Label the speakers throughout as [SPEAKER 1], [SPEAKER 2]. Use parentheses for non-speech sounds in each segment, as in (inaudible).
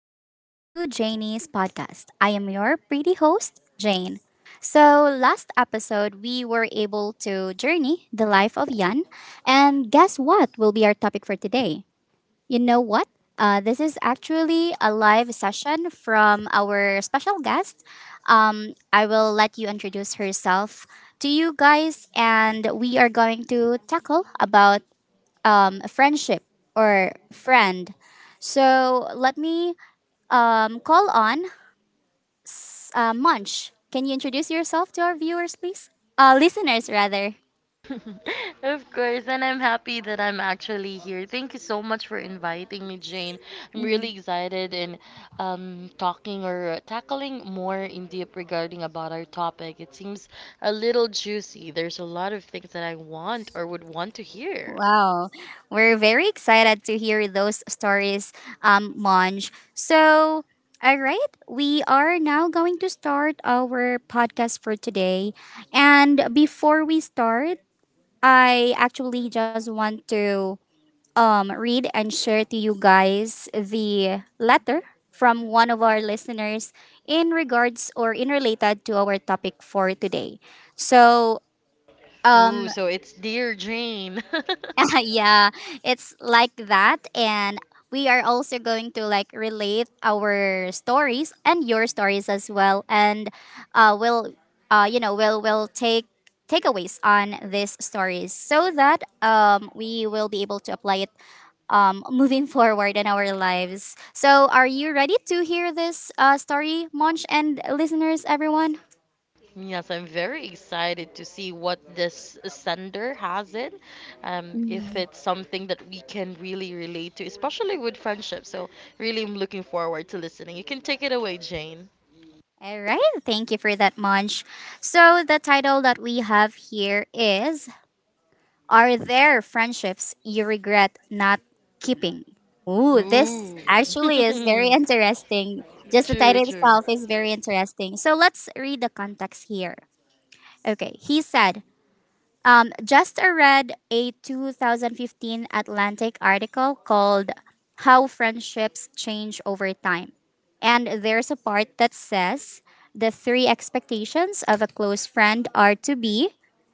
[SPEAKER 1] welcome back to Janie's podcast. I am your pretty host, Jane. So, last episode, we were able to journey the life of Yan. And guess what will be our topic for today? You know what? This is actually a live session from our special guest. I will let you introduce herself to you guys, and we are going to tackle about friendship or friend. So let me call on Munch. Can you introduce yourself to our viewers, please? Listeners, rather.
[SPEAKER 2] (laughs) Of course, and I'm happy that I'm actually here. Thank you so much for inviting me, Jane. I'm really excited in talking or tackling more in deep regarding about our topic. It seems a little juicy. There's a lot of things that I want or would want to hear.
[SPEAKER 1] Wow, we're very excited to hear those stories, Monj. So, all right, we are now going to start our podcast for today. And before we start, I actually just want to read and share to you guys the letter from one of our listeners in regards or in related to our topic for today. So, um,
[SPEAKER 2] Ooh, so it's dear Jane. (laughs)
[SPEAKER 1] (laughs) yeah, it's like that. And we are also going to like relate our stories and your stories as well. And we'll, you know, we'll take takeaways on these stories so that we will be able to apply it moving (laughs) forward in our lives. So, are you ready to hear this story, Monch and listeners, everyone?
[SPEAKER 2] Yes, I'm very excited to see what this sender has in. If it's something that we can really relate to, especially with friendship. So, really, I'm looking forward to listening. You can take it away, Jane.
[SPEAKER 1] All right, thank you for that, Monch. So, the title that we have here is, are there friendships you regret not keeping? Ooh, this
[SPEAKER 2] Ooh.
[SPEAKER 1] actually is very (laughs)
[SPEAKER 2] (laughs)
[SPEAKER 1] interesting. Just the
[SPEAKER 2] True,
[SPEAKER 1] title
[SPEAKER 2] true.
[SPEAKER 1] itself is very interesting. So let's read the context here. Okay, he said, Just I read a 2015 Atlantic article called How Friendships Change Over Time. And there's a part that says the three expectations of a close friend are to be: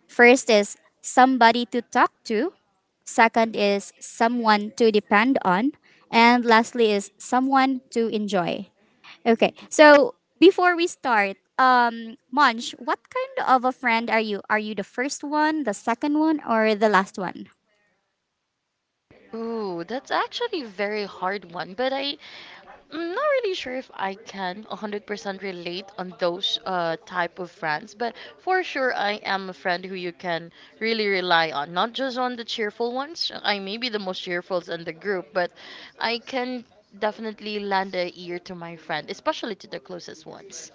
[SPEAKER 1] first is somebody to talk to, second is someone to depend on, and lastly is someone to enjoy. Okay. So before we start, Munch, what kind of a friend are you? Are you the first one, the second one, or the last one?
[SPEAKER 2] Ooh, that's actually a very hard one, but I'm not really sure if I can 100% relate on those type of friends, but for sure I am a friend who you can really rely on. Not just on the cheerful ones. I may be the most cheerful in the group, but I can definitely lend a ear to my friend, especially to the closest ones.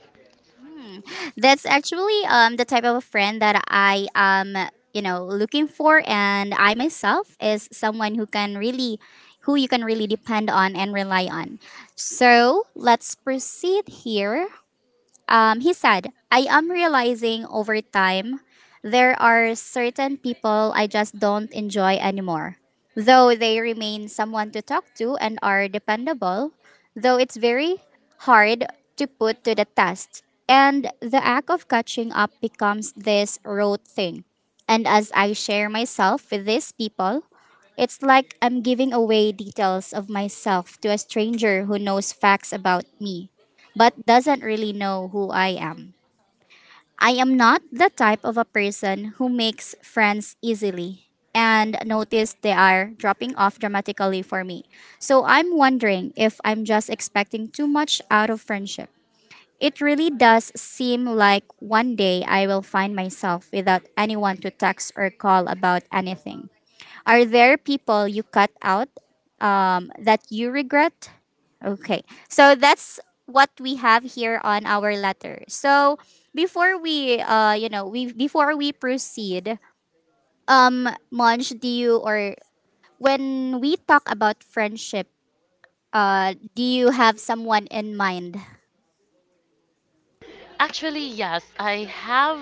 [SPEAKER 1] That's actually the type of a friend that I am, you know, looking for, and I myself is someone who can really, who you can really depend on and rely on. So let's proceed here. He said, I am realizing over time there are certain people I just don't enjoy anymore. Though they remain someone to talk to and are dependable, though it's very hard to put to the test. And the act of catching up becomes this rote thing. And as I share myself with these people, it's like I'm giving away details of myself to a stranger who knows facts about me but doesn't really know who I am. I am not the type of a person who makes friends easily and notice they are dropping off dramatically for me. So I'm wondering if I'm just expecting too much out of friendship. It really does seem like one day I will find myself without anyone to text or call about anything. Are there people you cut out that you regret? Okay, so that's what we have here on our letter. So before we proceed, Monj, do you, or when we talk about friendship, do you have someone in mind?
[SPEAKER 2] Actually, yes, I have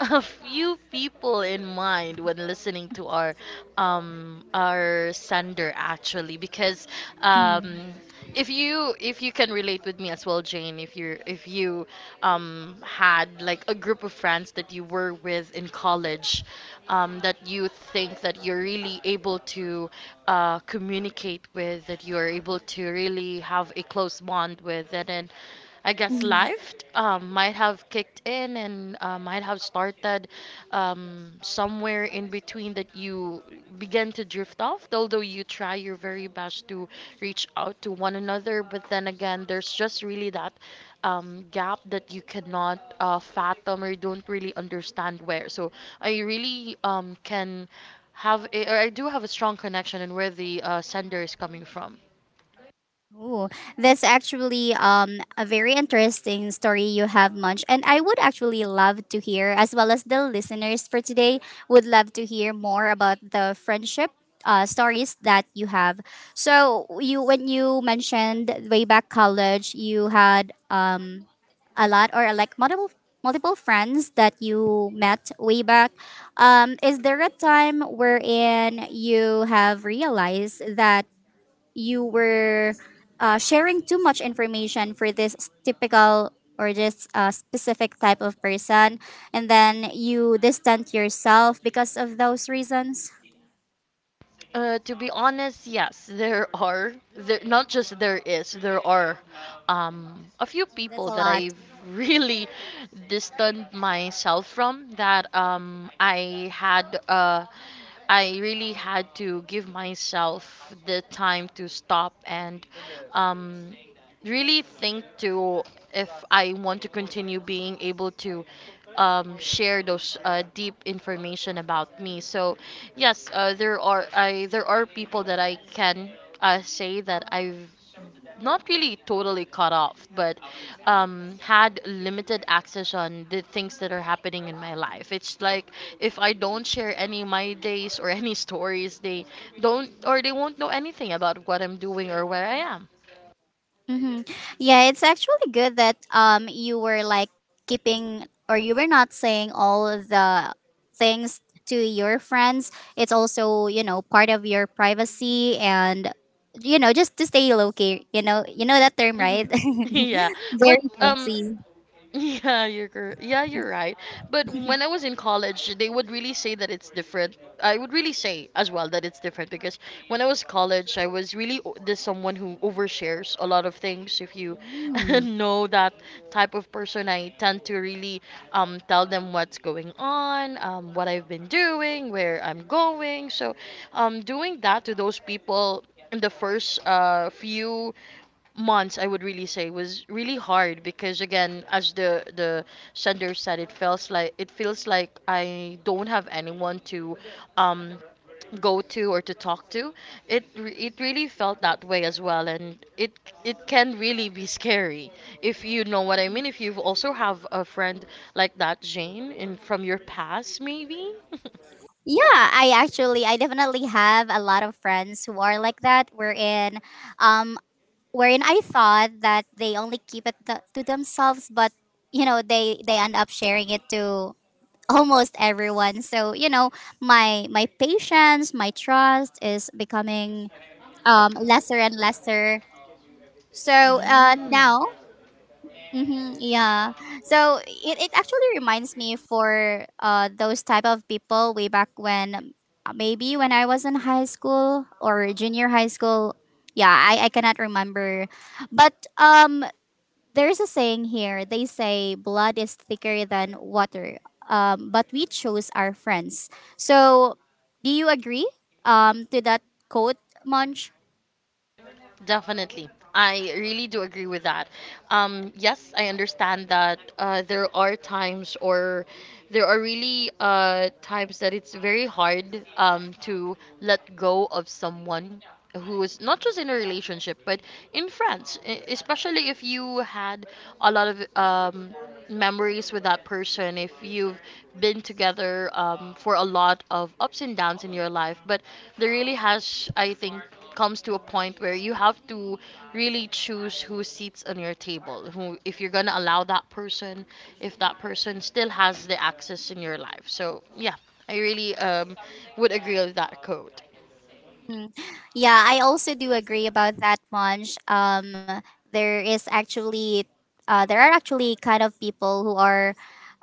[SPEAKER 2] (laughs) a few people in mind when listening to our our sender actually because
[SPEAKER 1] Mm.
[SPEAKER 2] um if you can relate with me as well, Jane, if you're if you had like a group of friends that you were with in college, that you think that you're really able to communicate with, that you are able to really have a close bond with, and then I guess life might have kicked in and might have started somewhere in between that you begin to drift off, although you try your very best to reach out to one another. But then again, there's just really that gap that you cannot fathom or don't really understand where. So I really can have a, or I do have a strong connection in where the sender is coming from.
[SPEAKER 1] Oh, that's actually a very interesting story you have, Munch. And I would actually love to hear, as well as the listeners for today, would love to hear more about the friendship stories that you have. So you, when you mentioned way back college, you had a lot or like multiple friends that you met way back. Is there a time wherein you have realized that? You were sharing too much information for this typical or this specific type of person, and then you distant yourself because of those reasons?
[SPEAKER 2] To be honest, yes, there are. Not just there is, there are a few
[SPEAKER 1] Oh, that's a
[SPEAKER 2] people that
[SPEAKER 1] lot.
[SPEAKER 2] I've really distanced myself from that I had. I really had to give myself the time to stop and um, really think to if I want to continue being able to share those deep information about me. So yes, there are people that I can say that I've not really totally cut off, but had limited access on the things that are happening in my life. It's like if I don't share any of my days or any (laughs) stories, they don't or they won't know anything about what I'm doing or where I am.
[SPEAKER 1] Mm-hmm. Yeah, it's actually good that you were like keeping, or you were not saying all the things to your friends. It's also, you know, part of your privacy and, you know, just to stay low key. You know, you know that term,
[SPEAKER 2] Mhm.
[SPEAKER 1] right?
[SPEAKER 2] (laughs) Yeah,
[SPEAKER 1] (laughs)
[SPEAKER 2] but
[SPEAKER 1] Very messy.
[SPEAKER 2] (laughs) yeah, you're right. But when I
[SPEAKER 1] (laughs)
[SPEAKER 2] was in college, they would really say that it's different. I would really say as well that it's different because when I was college, I was really this someone who overshares a lot of things. If you (laughs)
[SPEAKER 1] Mm.
[SPEAKER 2] know that type of person, I tend to really tell them what's going on, what I've been doing, where I'm going. So, doing that to those people in the first few months I would really say was really hard because again, as the sender said, it feels like I don't have anyone to um go to or to talk to. It really felt that way as well, and it can really be scary if you know what I mean, if you also have a friend like that, Jane, in from your past maybe.
[SPEAKER 1] Yeah, I actually, I definitely have a lot of friends who are like that. Wherein, um, wherein I thought that they only keep it to themselves, but you know, they end up sharing it to almost everyone. So you know, my patience, my trust is becoming lesser and lesser.
[SPEAKER 2] (laughs)
[SPEAKER 1] So now.
[SPEAKER 2] Mm.
[SPEAKER 1] Mm-hmm, yeah. So it actually reminds me for those type of people way back when maybe when I was in high school or junior high school. Yeah, I cannot remember. But there's a saying here. They say blood is thicker than water. Um, but we chose our friends. So do you agree to that quote, Munch?
[SPEAKER 2] Definitely. I really do agree with that. Yes, I understand that there are times or there are really times that it's very hard to let go of someone who is not just in a relationship but in friends, especially if you had a lot of memories with that person, if you've been together for a lot of ups and downs in your life. But there really has, I think, comes to a point where you have to really choose who sits on your table, who, if you're going to allow that person, if that person still has the access in your life. So yeah, I really would agree with that quote.
[SPEAKER 1] Mm. Yeah, I also do agree about that, Monch. There is actually, there are actually kind of people who are,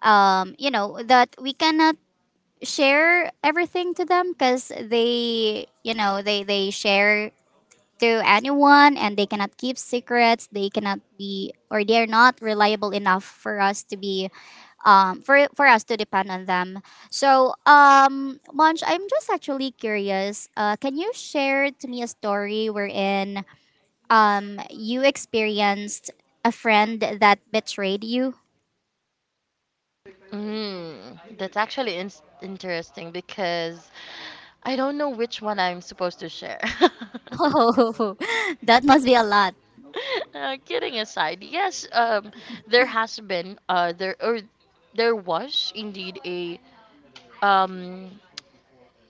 [SPEAKER 1] you know, that we cannot share everything to them because they, you know, they share to anyone and they cannot keep secrets, they cannot be, or they are not reliable enough for us to be for us to depend on them. So um, Munch, I'm just actually curious, can you share to me a story wherein you experienced a friend that betrayed you?
[SPEAKER 2] Mm, that's actually interesting because I don't know which one I'm supposed to share.
[SPEAKER 1] (laughs) Oh, that must be a lot.
[SPEAKER 2] (laughs) Kidding aside, yes, there has been there was indeed a um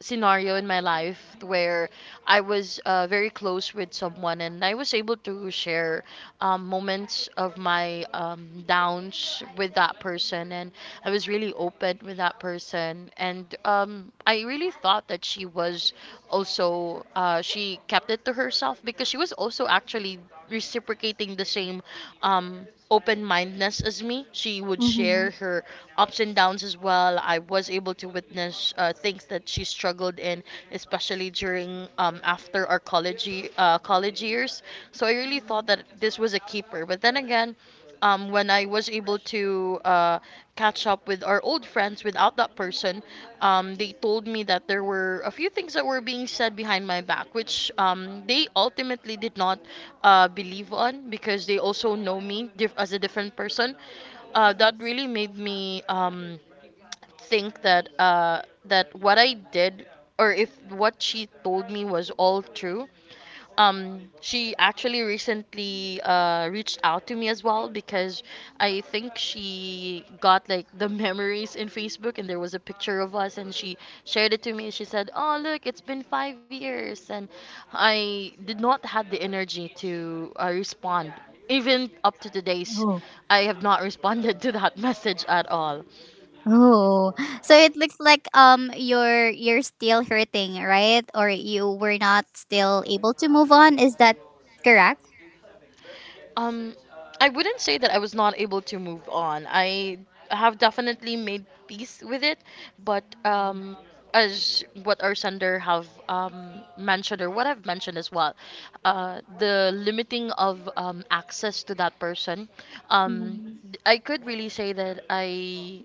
[SPEAKER 2] scenario in my life where I was very close with someone and I was able to share moments of my downs with that person, and I was really open with that person, and I really thought that she was also she kept it to herself because she was also actually reciprocating the same open mindedness as me. She would share
[SPEAKER 1] Mhm.
[SPEAKER 2] her ups and downs as well. I was able to witness things that she struggled in, especially during after our college years. So I really thought that this was a keeper. But then again, when I was able to catch up with our old friends without that person, they told me that there were a few things that were being said behind my back, which they ultimately did not believe on because they also know me as a different person. That
[SPEAKER 1] Mhm.
[SPEAKER 2] really made me. Think that what I did, or if what she told me was all true. She actually recently reached out to me as well because I think she got like the (laughs) memories in Facebook and there was a picture of us and she shared it to me. She said, "Oh, look, it's been 5 years." And I did not have the energy to respond. Even up to today's,
[SPEAKER 1] Mhm.
[SPEAKER 2] I have not responded (laughs) to that message at all.
[SPEAKER 1] Oh, so it looks like you're still hurting, right? Or you were not still able to move on. Is that correct?
[SPEAKER 2] Um, I wouldn't say that I was not able to move on. I have definitely made peace with it, but
[SPEAKER 1] Mm.
[SPEAKER 2] as what our sender have mentioned or what I've mentioned as well, the limiting of access to that person, um,
[SPEAKER 1] Mm,
[SPEAKER 2] I could really say that I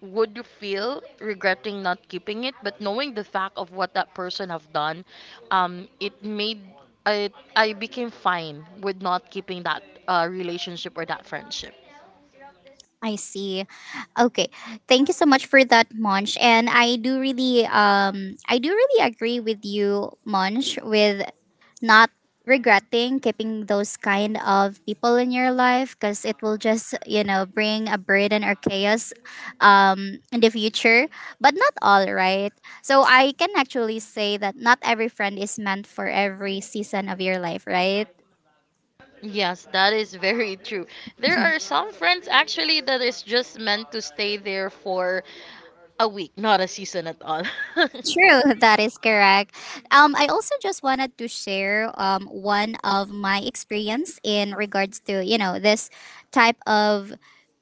[SPEAKER 2] would you feel regretting not keeping it, but knowing the fact of what that person have done, it made I became fine with not keeping that relationship or that friendship.
[SPEAKER 1] I see. Okay. Thank you so much for that, Monch. And I do really agree with you, Monch, with not regretting keeping those kind of people in your life because it will just, you know, bring a burden or chaos in the future. But not, all right, so I can actually say that not every friend is meant for every season of your life, right?
[SPEAKER 2] Yes, that is very (laughs) true. There are some friends actually that is just meant to stay there for a week, not a season at all. (laughs)
[SPEAKER 1] True, (laughs) that is correct. I also just wanted to share one of my experience in regards to, you know, this type of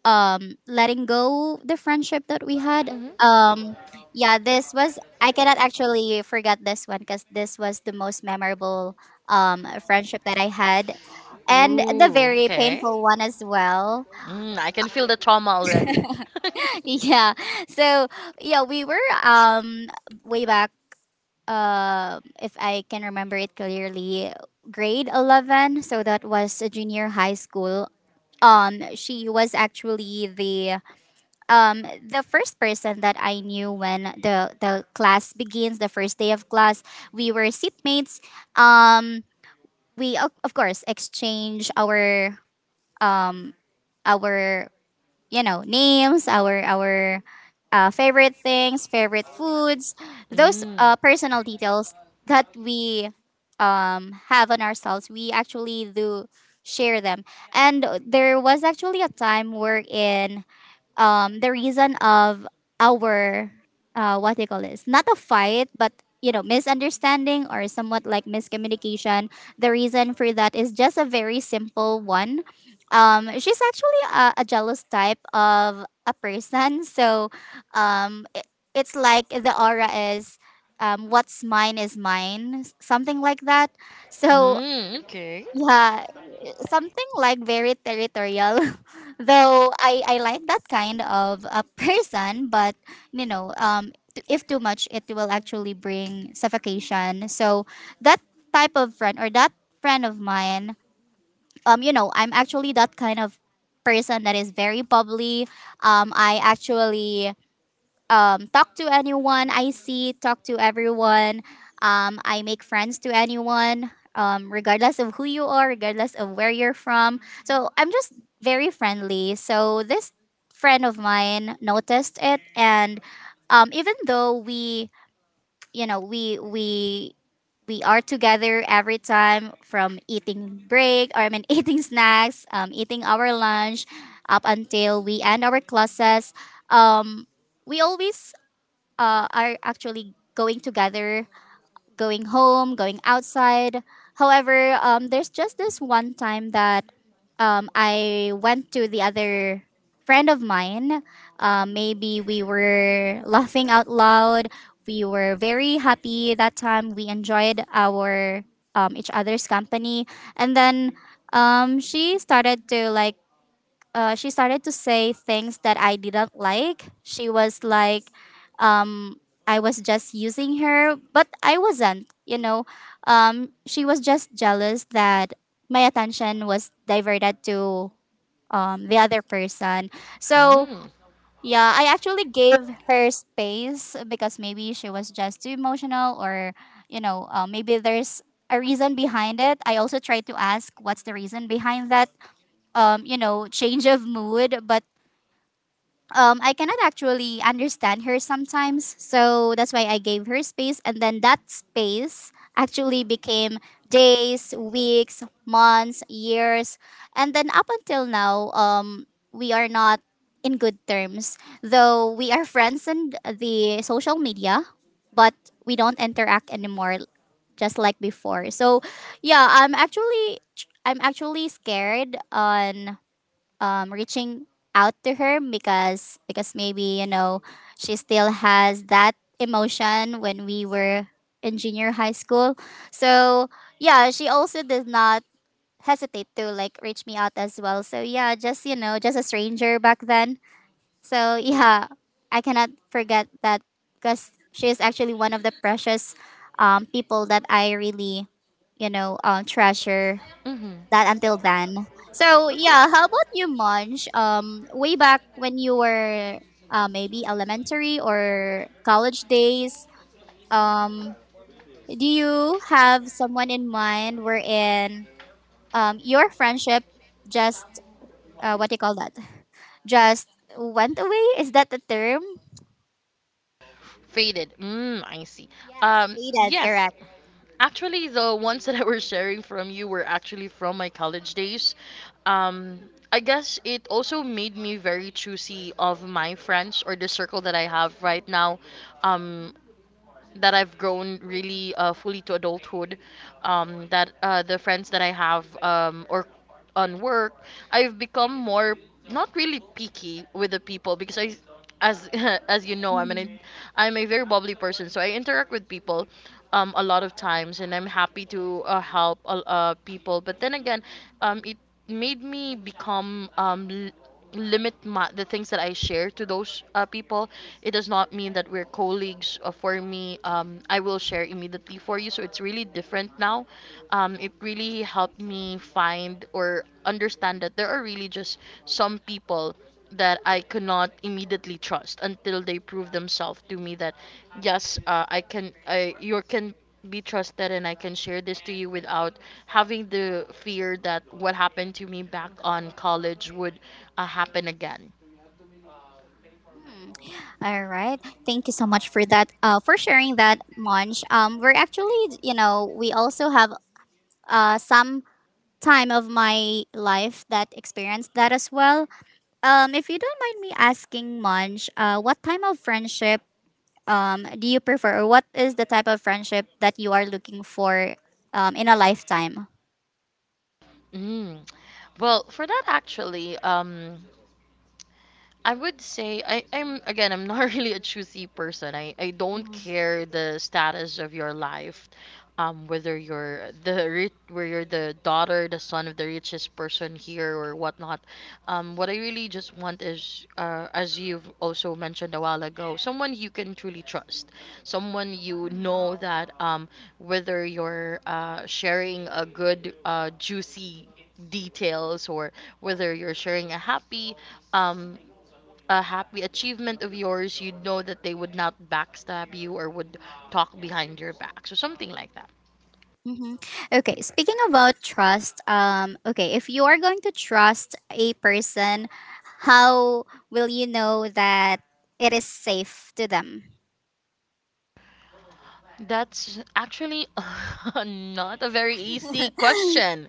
[SPEAKER 1] letting go the friendship that we had.
[SPEAKER 2] Hmm.
[SPEAKER 1] um yeah, this was, I cannot actually forget this one because this was the most memorable friendship that I had, and the
[SPEAKER 2] Ooh,
[SPEAKER 1] very
[SPEAKER 2] okay.
[SPEAKER 1] painful one as well.
[SPEAKER 2] Mm, I can feel the trauma already.
[SPEAKER 1] (laughs) Yeah. So yeah, we were way back, if I can remember it clearly, grade 11, so that was a junior high school. She was actually the first person that I knew when the class begins. The first day of class, we were seatmates. Um, we of course exchange our um our, you know, names, our favorite things, favorite foods, those
[SPEAKER 2] Mm.
[SPEAKER 1] personal details that we have on ourselves. We actually do share them, and there was actually a time wherein the reason of our what they call this, not a fight but, you know, misunderstanding or somewhat like miscommunication. The reason for that is just a very simple one. Um, she's actually a jealous type of a person. (laughs) So um, it, it's like the aura is, um, what's mine is mine, something like that. So
[SPEAKER 2] Mm, okay.
[SPEAKER 1] yeah, something like very territorial. (laughs) Though I like that kind of a person, but you know um, if too much it will actually bring suffocation. So that type of friend, or that friend of mine, um, you know, I'm actually that kind of person that is very bubbly. Um, I actually talk to anyone I see, talk to everyone. I make friends to anyone, regardless of who you are, regardless of where you're from. So I'm just very friendly. So this friend of mine noticed it, and even though we, you know, we are together every time, from eating break or I mean (laughs) eating snacks, eating our lunch, up until we end our classes. Um, we always are actually going together, going home, going outside. However, there's just this one time that I went to the other friend of mine. Maybe we were (laughs) laughing out loud. We were very happy that time. We enjoyed our each other's company, and then um, she started to like she started to say things that I didn't like. She was like, um, I was just using her, but I wasn't. You know, she was just jealous that my attention was diverted to the other person. So
[SPEAKER 2] Mm.
[SPEAKER 1] yeah, I actually gave her space because maybe she was just too emotional, or you know, maybe there's a reason behind it. I also tried to ask what's the reason behind that you know, change of mood, but I cannot actually understand her sometimes. So that's why I gave her space. And then that space actually became days, weeks, months, years. And then up until now, we are not in good terms. Though we are friends in the social media, but we don't interact anymore just like before. So yeah, I'm actually scared on reaching out to her because maybe she still has that emotion when we were in junior high school. So yeah, she also does not hesitate to like reach me out as well. So yeah, just just a stranger back then. So (laughs) yeah, I cannot forget that because she is actually one of the precious people that I really, treasure
[SPEAKER 2] Hmm.
[SPEAKER 1] that until then. So yeah, how about you, Munch? Way back when you were maybe elementary or college days, um, do you have someone in mind wherein your friendship just what do you call that? Just went away? Is that the term?
[SPEAKER 2] Faded. Mm, I see. Yeah.
[SPEAKER 1] Yes, faded.
[SPEAKER 2] Yes,
[SPEAKER 1] Correct.
[SPEAKER 2] actually, the ones that I was sharing from you were actually from my college days. Um, I guess it also made me very choosy of my friends or the circle that I have right now. Um that I've grown really fully to adulthood, that the friends that I have or on work, I've become more not really picky with the people because I, as (laughs) as you know,
[SPEAKER 1] Mhm.
[SPEAKER 2] I'm a very bubbly person, so I interact with people a lot of times, and I'm happy to help people. But then again, it made me become limit my, the things that I share to those people. It does not mean that we're colleagues. For me, I will share immediately for you. So it's really different now. It really helped me find or understand that there are really just some people that I could not immediately trust until they prove themselves to me that yes, I can. I You can be trusted and I can share this to you without having the fear that what happened to me back on college would happen again.
[SPEAKER 1] Hmm. All right. Thank you so much for that. For sharing that, Monch. We're actually, we also have some time of my life that experienced that as well. If you don't mind me asking, Munch, what type of friendship do you prefer, or what is the type of friendship that you are looking for in a lifetime?
[SPEAKER 2] Mm. Well, for that actually, I would say I'm again I'm not (laughs) really a choosy person. I don't care the status of your life, whether you're the rich, where you're the daughter, the son of the richest person here or whatnot. What I really just want is, as you've also mentioned a while ago, someone you can truly trust, someone you
[SPEAKER 1] Mhm.
[SPEAKER 2] know that whether you're sharing a good, juicy details, or whether you're sharing um a happy achievement of yours, you'd know that they would not backstab you or would talk behind your back. So something like that.
[SPEAKER 1] Mm-hmm. Okay, speaking about trust, okay, if you are going to trust a person, how will you know that it is safe to them?
[SPEAKER 2] That's actually (laughs) not a very easy
[SPEAKER 1] (laughs)
[SPEAKER 2] question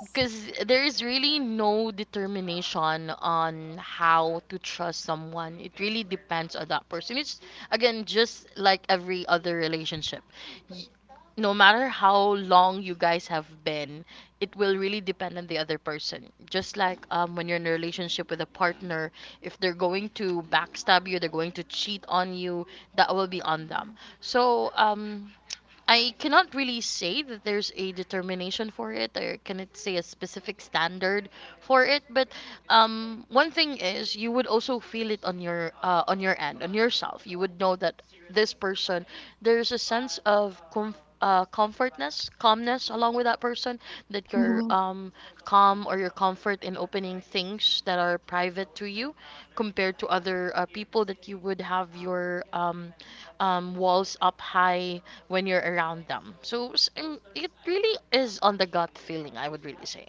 [SPEAKER 2] because there is really no determination on how to trust someone. It really depends on that person. It's again just like every other relationship. No matter how long you guys have been, it will really depend on the other person. Just like when you're in a relationship with a partner, if they're going to backstab you, they're going to cheat on you, that will be on them. So I cannot really say that there's a determination for it, or cannot say a specific standard for it. But one thing is, you would also feel it on your end, on yourself. You would know that this person there's a sense of comfortness, calmness along with that person that you're
[SPEAKER 1] Mhm.
[SPEAKER 2] um, calm or your comfort in opening things that are private to you compared to other people that you would have your walls up high when you're around them. So it really is on the gut feeling, I would really say.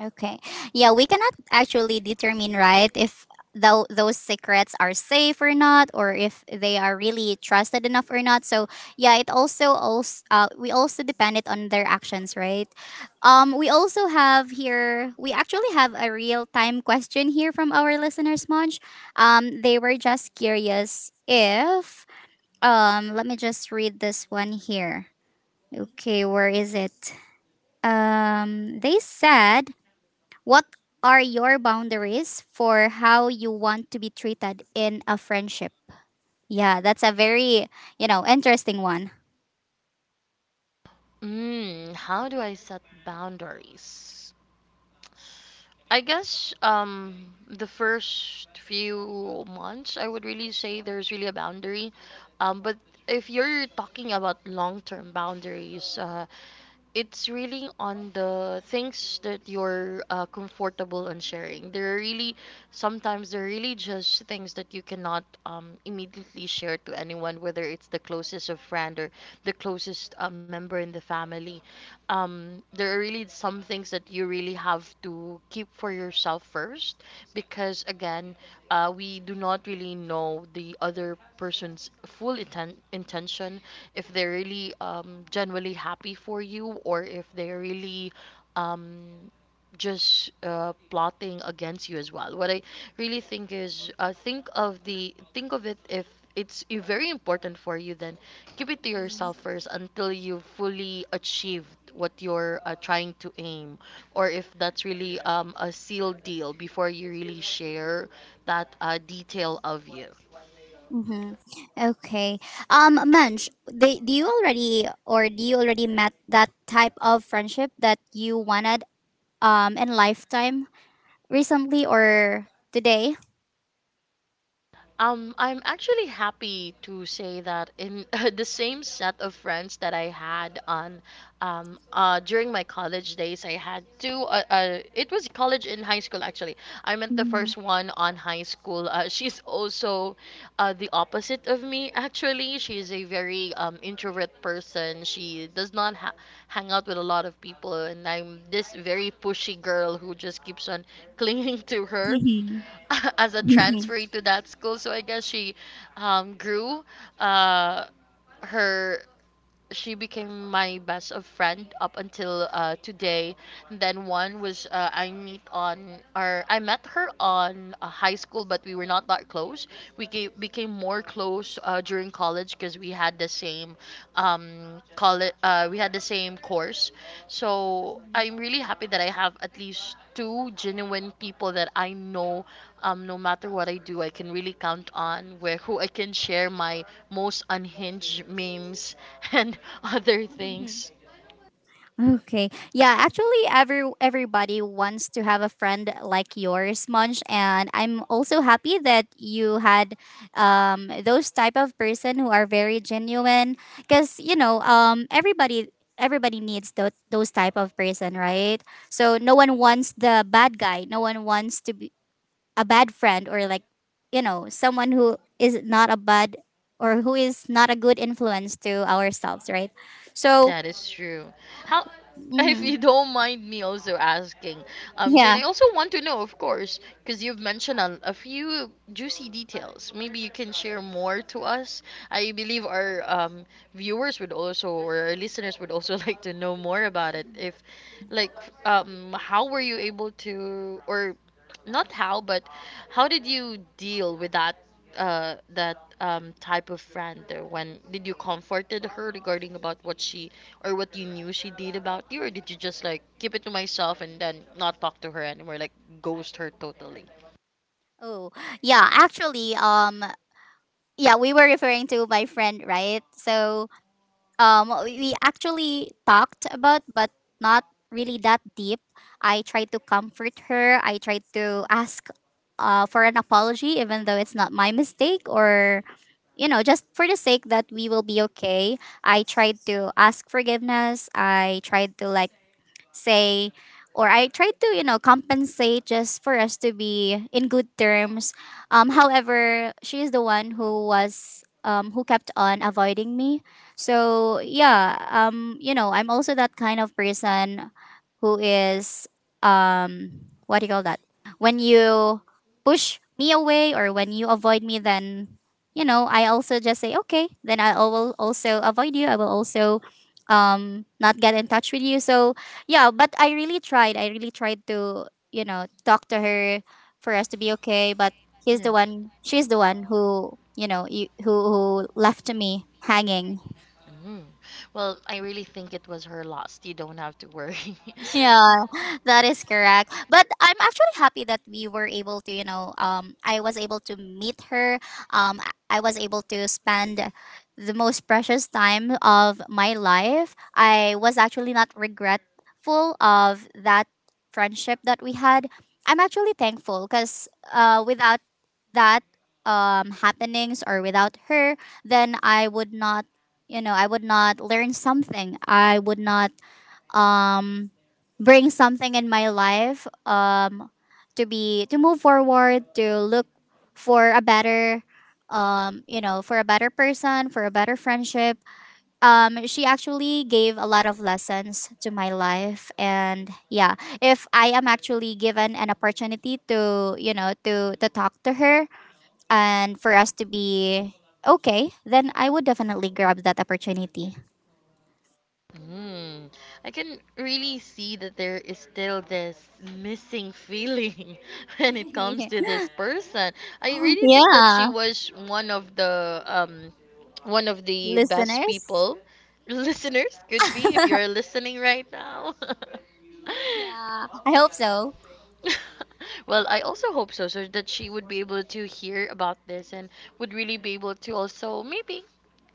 [SPEAKER 1] Okay. Yeah, we cannot actually determine, right, if those secrets are safe or not, or if they are really trusted enough or not. So yeah, it also we also depend it on their actions, right? We also have here we actually have a real time question here from our listeners, Monch. They were just curious if let me just read this one here. Okay, where is it? They said. What are your boundaries for how you want to be treated in a friendship? Yeah, that's a very, interesting one.
[SPEAKER 2] Mm, how do I set boundaries? I guess the first few months I would really say there's really a boundary. But if you're talking about long-term boundaries, it's really on the things that you're comfortable on sharing. There are really sometimes there are really just things that you cannot immediately share to anyone, whether it's the closest of friend or the closest member in the family. There are really some things that you really have to keep for yourself first, because again, we do not really know the other person's full intention if they're really genuinely happy for you or if they're really um, just plotting against you as well. What I really think is think of it if it's very important for you, then keep it to yourself first until you've fully achieved what you're trying to aim, or if that's really a sealed deal before you really share that detail of you.
[SPEAKER 1] Mm-hmm. Okay. Manj, do you already met that type of friendship that you wanted in lifetime recently or today?
[SPEAKER 2] I'm actually happy to say that in (laughs) the same set of friends that I had on, during my college days, I had two. It was college and high school actually. I met the first one on high school. (laughs) She's also, the opposite of me (laughs) actually. She's a very introvert person. She does not hang out with a lot of people, and I'm this very pushy girl who just keeps on clinging (laughs) to her.
[SPEAKER 1] Mhm.
[SPEAKER 2] (laughs) as a transfer to that school. So I guess she grew uh, her. She became my best of friend up until today. And then one was I met her on high school, but we were not that close. We became more close during college because we had the same college we had the same course. So I'm really happy that I have at least two genuine people that I know no matter what I do I can really count on, where who I can share my most unhinged memes (laughs) and other things.
[SPEAKER 1] (laughs) Okay. Yeah, actually everybody wants to have a friend like yours, Munch, and I'm also happy that you had those type of person who are very genuine because everybody needs those type of person, right? So no one wants the bad guy. No one wants to be a bad friend or like, someone who is not a good influence to ourselves, right? So,
[SPEAKER 2] That is true. How, (laughs) if
[SPEAKER 1] Mhm.
[SPEAKER 2] you don't mind me also asking,
[SPEAKER 1] Yeah.
[SPEAKER 2] Jane, I also want to know, of course, because you've mentioned a few juicy details. Maybe you can share more to us. I believe our viewers would also, or our listeners would also (laughs) like to know more about it. If, like, how were you able to, or not how, but how did you deal with that? That type of friend, when did you comforted her regarding about what she or what you knew she did about you, or did you just like keep it to myself and then not talk to her anymore, like ghost her totally?
[SPEAKER 1] Oh, yeah, actually, yeah, we were referring to my friend, right? So, we actually talked about, but not really that deep. I tried to comfort her. I tried to ask, for an apology, even though it's not my mistake, or just for the sake that we will be okay. I tried to ask forgiveness. I tried to like say or I try to, compensate just for us to be in good terms. However, she is the one who was who kept on avoiding me. So yeah, I'm also that kind of person who is um what do you call that? When you push me away or when you avoid me then I also just say, okay, then I will also avoid you. I will also not get in touch with you. So yeah, but I really tried. I really tried to, talk to her for us to be okay. But he's the
[SPEAKER 2] Yes.
[SPEAKER 1] one. She's the one who, you know, you, who left me hanging.
[SPEAKER 2] Mm. Well, I really think it was her loss. You don't have to worry. (laughs)
[SPEAKER 1] Yeah, that is correct. But I'm actually happy that we were able to, you know, I was able to meet her. I was able to spend the most precious time of my life. I was actually not regretful of that friendship that we had. I'm actually thankful because without that happenings or without her, then I would not learn something. I would not um bring something in my life to move forward to look for a better for a better person for a better friendship she actually gave a lot of lessons to my life. And yeah, if I am actually given an opportunity to talk to her and for us to be okay, then I would definitely grab that opportunity.
[SPEAKER 2] Mm. I can really see that there is still this missing feeling (laughs) when it comes to
[SPEAKER 1] (laughs)
[SPEAKER 2] this person. I really think that
[SPEAKER 1] Yeah,
[SPEAKER 2] she was one of the one of the best
[SPEAKER 1] listeners.
[SPEAKER 2] people (laughs) listeners could be if you're listening right now.
[SPEAKER 1] Yeah, I hope so.
[SPEAKER 2] (laughs) well, I also hope so, so that she would be able to hear about this and would really be able to also maybe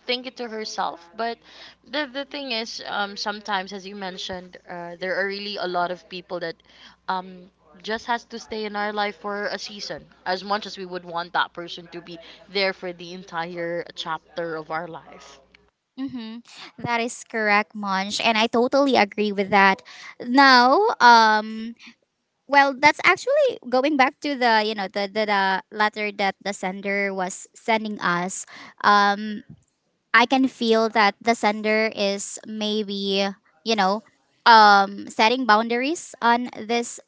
[SPEAKER 2] think it to herself. But the thing is, sometimes as you mentioned, there are really a lot of people that, um. Just has to stay in our life for a season, as much as we would want that person to be there for the entire chapter of our life.
[SPEAKER 1] Mm-hmm. That is correct, Monch, and I totally agree with that. Now, well, that's actually going back to the the letter that the sender was sending us. Um, I can feel that the sender is maybe you know setting boundaries on this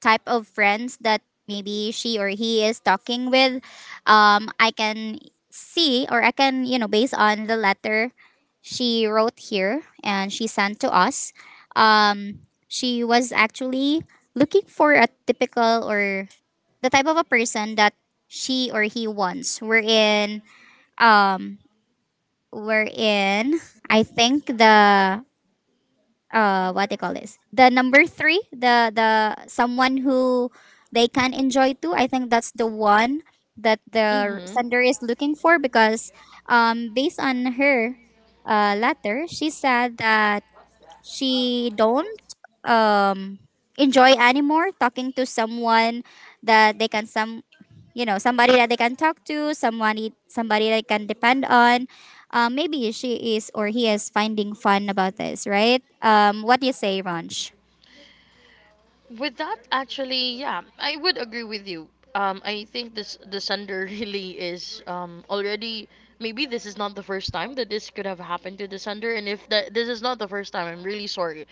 [SPEAKER 1] type of friends that maybe she or he is talking with. I can see, or I can, based on the letter she wrote here and she sent to us, um she was actually looking for a typical or the type of a person that she or he wants. Um we're in, I think, the what they call this, the number three, the someone who they can enjoy too. I think that's the one that the
[SPEAKER 2] Mhm.
[SPEAKER 1] sender is looking for, because based on her letter, she said that she don't um enjoy anymore talking to someone that they can somebody that they can talk to, somebody that can depend on. Maybe she is or he is finding fun about this, right? What do you say, Ranch?
[SPEAKER 2] With that, actually, yeah, I would agree with you. I think this the sender (laughs) really is already maybe this is not the first time that this could have happened to the sender, and if that this is not the first time, I'm really sorry.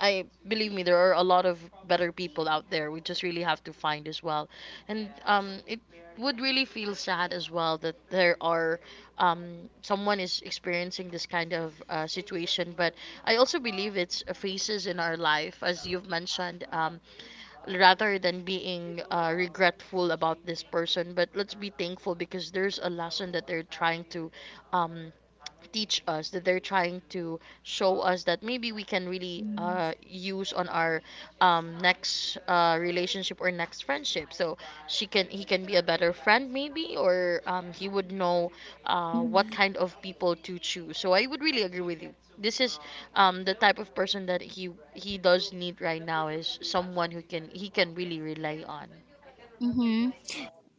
[SPEAKER 2] I believe me, there are a lot of better people out there. We just really have to find as well, and it would really feel sad as well that there are someone is experiencing this kind of situation. But I also believe it's phases in our life, as you've mentioned, rather than being regretful about this person. But let's be thankful because there's a lesson that they're trying to um, teach us, that they're trying to show us that maybe we can really use on our next relationship or next friendship, so she can he can be a better friend maybe, or he would know what
[SPEAKER 1] Mm-hmm.
[SPEAKER 2] kind of people to choose. So I would really agree with you, this is the type of person that he does need right now is someone who can he can really rely on.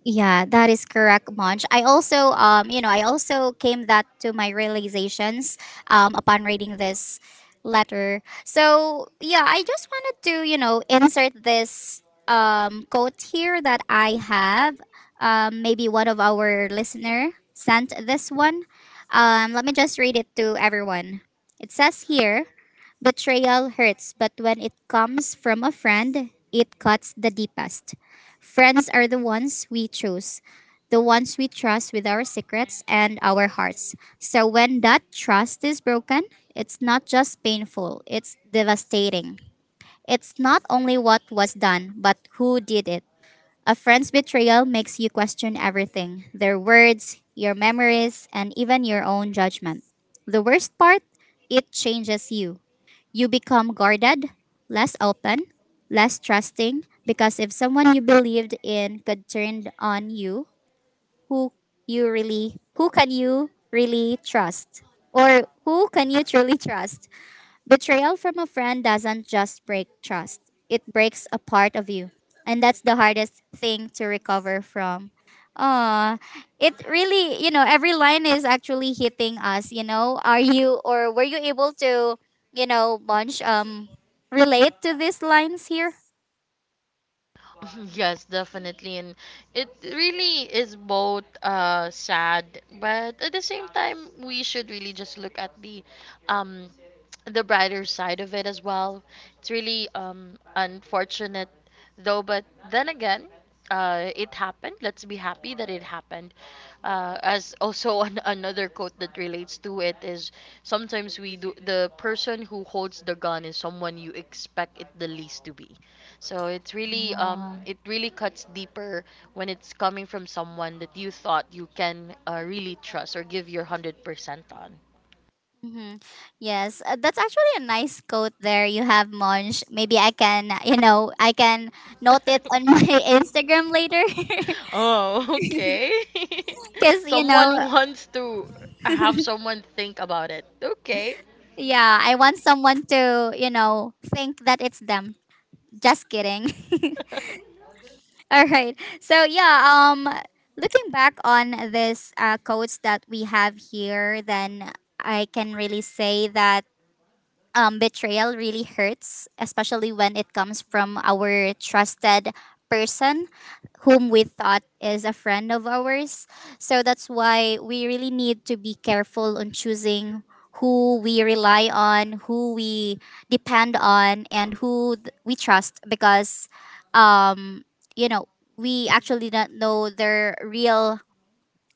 [SPEAKER 1] Yeah, that is correct, Munch. I also came that to my realizations upon reading this letter. So yeah, I just wanted to, insert this quote here that I have. Maybe one of our listener sent this one. Let me just read it to everyone. It says here. Betrayal hurts, but when it comes from a friend, it cuts the deepest. Friends are the ones we choose, the ones we trust with our secrets and our hearts. So when that trust is broken, it's not just painful, it's devastating. It's not only what was done, but who did it. A friend's betrayal makes you question everything: their words, your memories, and even your own judgment. The worst part, it changes you. You become guarded, less open, less trusting, because if someone you believed in could turn on you, who who can you really trust? Or who can you truly trust? Betrayal from a friend doesn't just break trust, it breaks a part of you. And that's the hardest thing to recover from. Uh, it really, every line is actually hitting us. Are you or Were you able to, bunch relate to these lines here?
[SPEAKER 2] (laughs) Yes, definitely. And it really is both sad, but at the same time, we should really just look at um, the brighter side of it as well. It's really unfortunate, though, but then again, it happened. Let's be happy that it happened. As also (laughs) another quote that relates to it is sometimes we do the person who holds the gun is someone you expect it the least to be. So it's really it really cuts deeper when it's coming from someone that you thought you can really trust or give your 100% on.
[SPEAKER 1] Mm-hmm. Yes, that's actually a nice quote there you have, Monch. Maybe I can note it on my
[SPEAKER 2] (laughs)
[SPEAKER 1] (laughs) Instagram later. (laughs)
[SPEAKER 2] Oh, okay. (laughs)
[SPEAKER 1] Because, you know,
[SPEAKER 2] someone wants to have someone think about it. Okay.
[SPEAKER 1] Yeah, I want someone to, think that it's them. Just kidding. (laughs) All right. So yeah, looking back on this quotes that we have here, then I can really say that betrayal really hurts, especially when it comes from our trusted person whom we thought is a friend of ours. So that's why we really need to be careful on choosing who we rely on, who we depend on, and who we trust, because, um, you know, we actually don't know their real,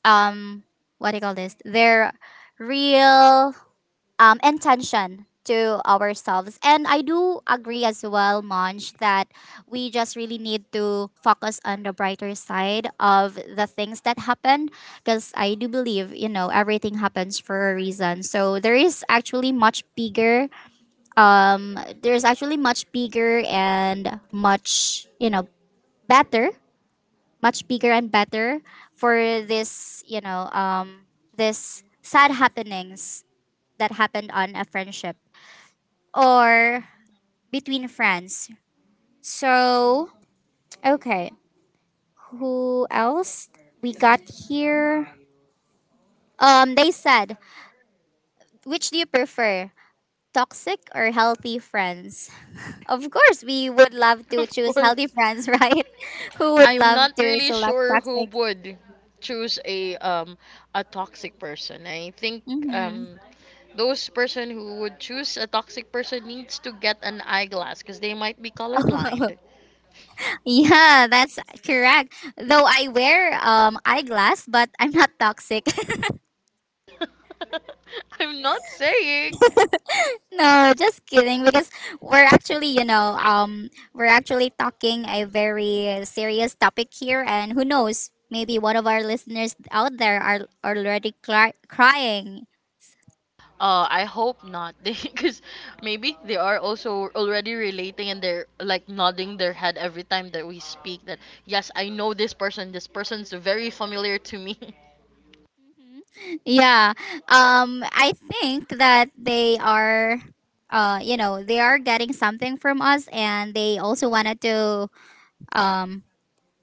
[SPEAKER 1] um, what do you call this? Their real intention to ourselves. And I do agree as well, Monch, that we just really need to focus on the brighter side of the things that happened, because I do believe, everything happens for a reason. So there is actually there's actually much bigger and much, better, much bigger and better for this sad happenings that happened on a friendship or between friends. So, okay, who else we got here? They said, which do you prefer, toxic or healthy friends? (laughs) Of course, we would love
[SPEAKER 2] (laughs)
[SPEAKER 1] to
[SPEAKER 2] Of
[SPEAKER 1] choose healthy
[SPEAKER 2] course.
[SPEAKER 1] friends, (laughs) right? Who would
[SPEAKER 2] I'm
[SPEAKER 1] love
[SPEAKER 2] not
[SPEAKER 1] to
[SPEAKER 2] really
[SPEAKER 1] select
[SPEAKER 2] sure who
[SPEAKER 1] toxic?
[SPEAKER 2] would choose a a toxic person. I think
[SPEAKER 1] Hmm.
[SPEAKER 2] um those person who would choose a toxic person needs to get an eyeglass because they might be colorblind.
[SPEAKER 1] (laughs) Yeah, that's correct. Though I wear eyeglass, but I'm not toxic.
[SPEAKER 2] (laughs) I'm not saying.
[SPEAKER 1] No, just kidding, because we're actually talking a very serious topic here, and who knows, maybe one of our listeners out there are already crying.
[SPEAKER 2] I hope not, (laughs) because maybe they are also already relating and they're like nodding their head every time that we speak. That yes, I know this person. This person's very familiar to me.
[SPEAKER 1] Mhm. Yeah. I think that they are you know, they are getting something from us, and they also wanted to um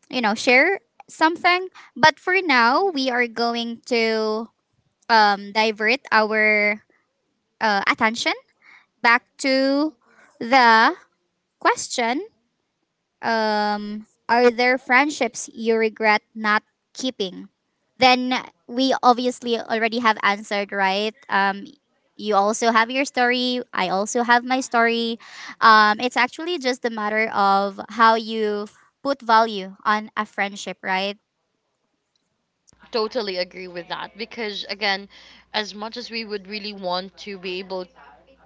[SPEAKER 1] you know, share something. But for now, we are going to divert our attention back to the question, are there friendships you regret not keeping? Then we obviously already have answered, right? You also have your story. I also have my story. It's actually just a matter of how you put value on a friendship, right?
[SPEAKER 2] (laughs) totally agree with that because again, as much as we would really want to be able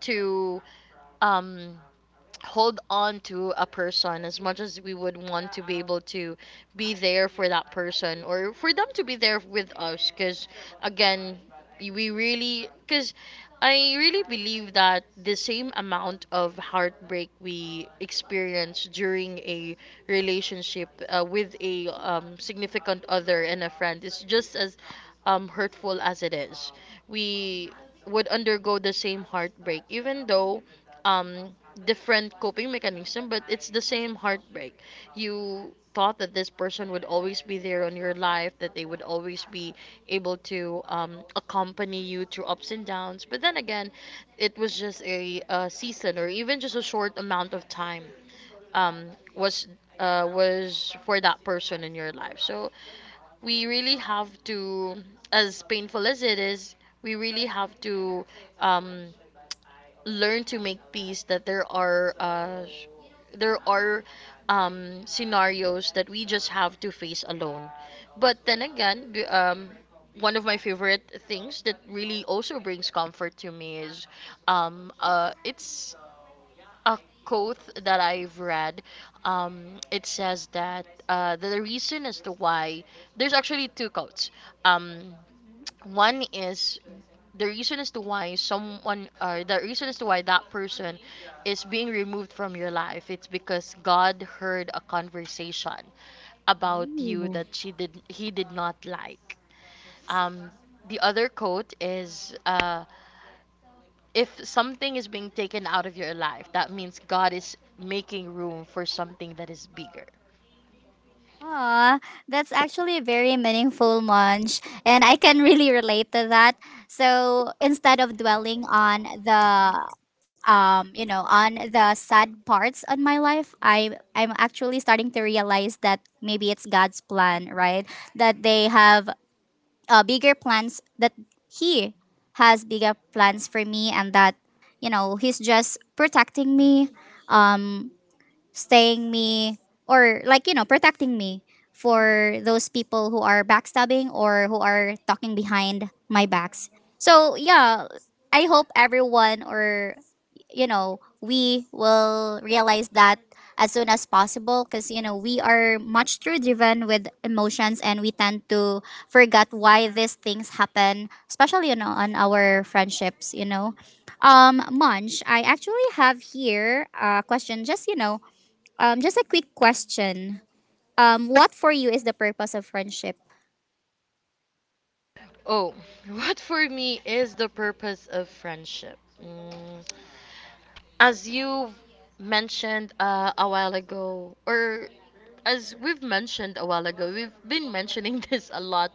[SPEAKER 2] to um hold on to a person, as much as we would want to be able to be there for that person or for them to be there with us, because again we really because I really believe that the same amount of heartbreak we experience during a relationship with a significant other and a friend is just as hurtful as it is. We would undergo the same heartbreak, even though um different coping mechanism, but it's the same heartbreak. You thought that this person would always be there on your life, that they would always be able to accompany you through ups and downs, but then again it was just a season or even just a short amount of time um, was was for that person in your life. So we really have to, as painful as it is, we really have to um, learn to make peace that there are there are scenarios that we just have to face alone. But then again, one of my favorite things that really also brings comfort to me is it's a quote that I've read. It says that the reason as to why there's actually two quotes. Um, one is the reason as to why someone, or the reason as to why that person is being removed from your life, it's because God heard a conversation about you
[SPEAKER 1] Mhm.
[SPEAKER 2] that she did he did not like. um the other quote is if something is being taken out of your life, that means God is making room for something that is bigger.
[SPEAKER 1] Aw, that's actually a very meaningful munch, and I can really relate to that. So instead of dwelling on on the sad parts on my life, I'm actually starting to realize that maybe it's God's plan, right? That they have bigger plans. That He has bigger plans for me, and that you know He's just protecting me, um, staying me, or like you know protecting me, for those people who are backstabbing or who are talking behind my backs. So yeah, I hope everyone, or you know, we will realize that as soon as possible, because you know we are much too driven with emotions and we tend to forget why these things happen, especially you know on our friendships. Munch, I actually have here a question. Just you know Just a quick question. What for you is the purpose of friendship? (laughs)
[SPEAKER 2] Oh (laughs) what for me is the purpose of friendship. Mm, as you mentioned a while ago, or as we've mentioned a while ago, we've been mentioning (laughs) this a lot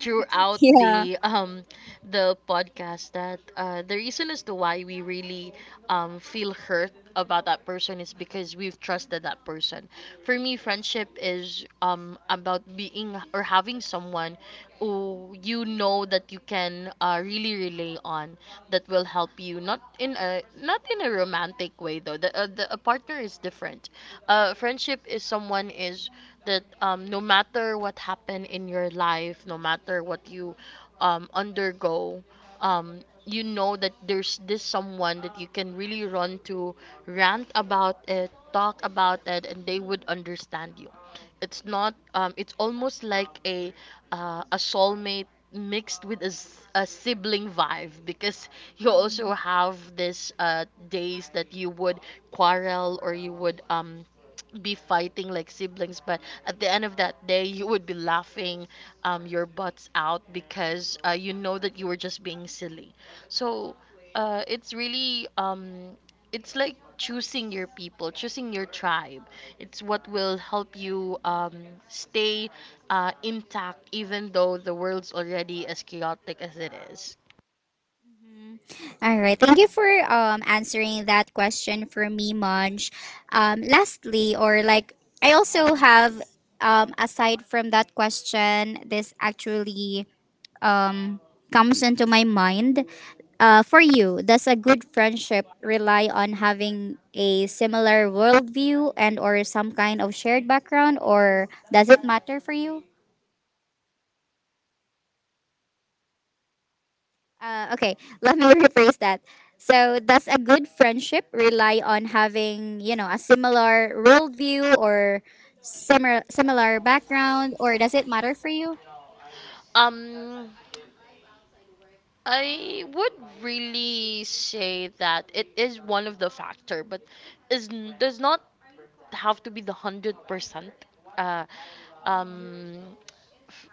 [SPEAKER 2] throughout
[SPEAKER 1] Yeah.
[SPEAKER 2] the podcast, that the reason as to why we really feel hurt about that person is because we've trusted that person. For me, friendship is about being or having someone who you know that you can really rely on that will help you not in a romantic way, though the a partner is different. Friendship is someone is that no matter what happened in your life, no matter what you undergo, you know that there's this someone that you can really run to, rant about it, talk about it, and they would understand you. It's not. It's almost like a soulmate mixed with a, a sibling vibe, because you also
[SPEAKER 1] Mhm.
[SPEAKER 2] have this days that you would quarrel, or you would be fighting like siblings, but at the end of that day you would be laughing your butts out because you know that you were just being silly. So uh, it's really um, it's like choosing your people, choosing your tribe. It's what will help you stay intact, even though the world's already as chaotic as it is.
[SPEAKER 1] All right. Thank you for answering that question for me, Munch. Lastly, or like, I also have, aside from that question, this actually, um, comes into my mind. For you, does a good friendship rely on having a similar worldview and or some kind of shared background, or does it matter for you? Okay, (laughs) let me rephrase that. So, does a good friendship rely on having you know a similar worldview, or similar background, or does it matter for you?
[SPEAKER 2] um I would really say that it is one of the factor, but does not have to be the 100%. Uh, um,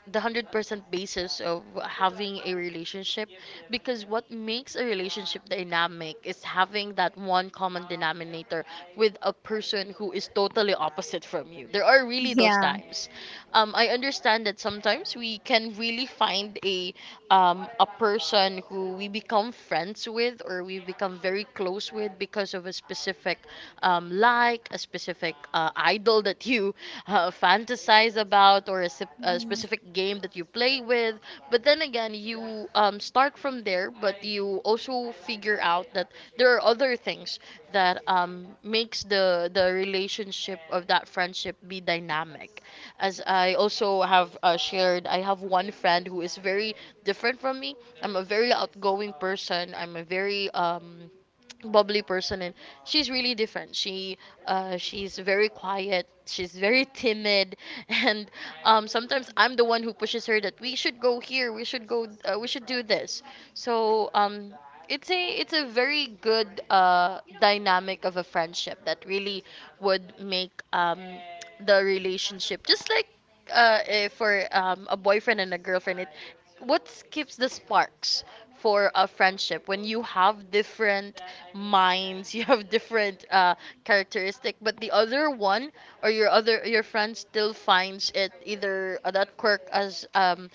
[SPEAKER 2] the 100% basis of having a relationship, because what makes a relationship dynamic is having that one common denominator with a person who is totally opposite from you. There are really those
[SPEAKER 1] Yeah.
[SPEAKER 2] times I understand that sometimes we can really find a person who we become friends with, or we become very close with, because of a specific like a specific idol that you fantasize about, or a, a specific game that you play with. But then again, you start from there, but you also figure out that there are other things that makes the relationship of that friendship be dynamic. As I also have shared, I have one friend who is very different from me. I'm a very outgoing person. I'm a very bubbly person, and she's really different. She she's very quiet, she's very timid, (laughs) and sometimes I'm the one who pushes her that we should go here, we should go, we should do this. So it's a very good dynamic of a friendship that really would make the relationship just like for a boyfriend and a girlfriend, it what keeps the sparks for a friendship when you have different minds, (laughs) you have different characteristic, but the other one or your other your friend still finds it either that quirk um,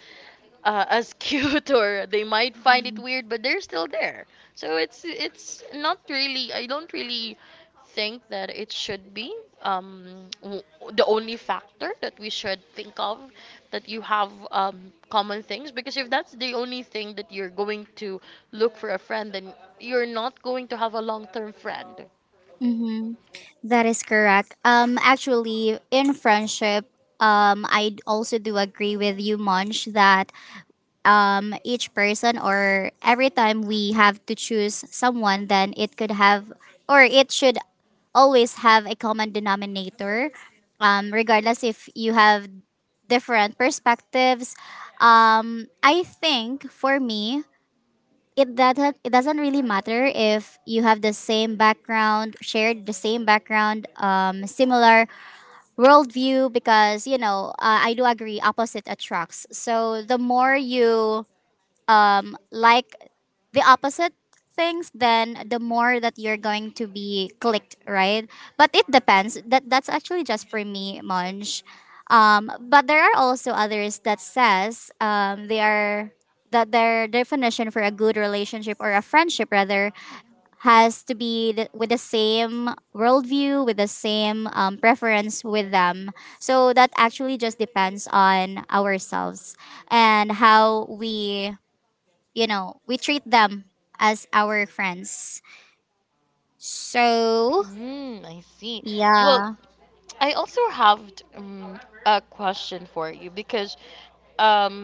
[SPEAKER 2] uh, as (laughs) cute, or they might find it weird, but they're still there. So it's not really. I don't really think that it should be um, w- the only factor that we should think of, that you have common things, because if that's the only thing that you're going to look for a friend, then you're not going to have a long-term friend.
[SPEAKER 1] That is correct. Actually, in friendship, I also do agree with you, Munch, that each person, or every time we have to choose someone, then it could have, or it should always have a common denominator, regardless if you have different perspectives. I think for me, it doesn't really matter if you have the same background, similar worldview, because you know I do agree opposite attracts, so the more you like the opposite things, then the more that you're going to be clicked, right? But it depends. That that's actually just for me, Monj. But there are also others that says they are, that their definition for a good relationship, or a friendship rather, has to be with the same worldview, with the same preference with them. So that actually just depends on ourselves and how we you know, we treat them as our friends. So,
[SPEAKER 2] Mm, I see. Well,
[SPEAKER 1] yeah.
[SPEAKER 2] I also have a question for you, because um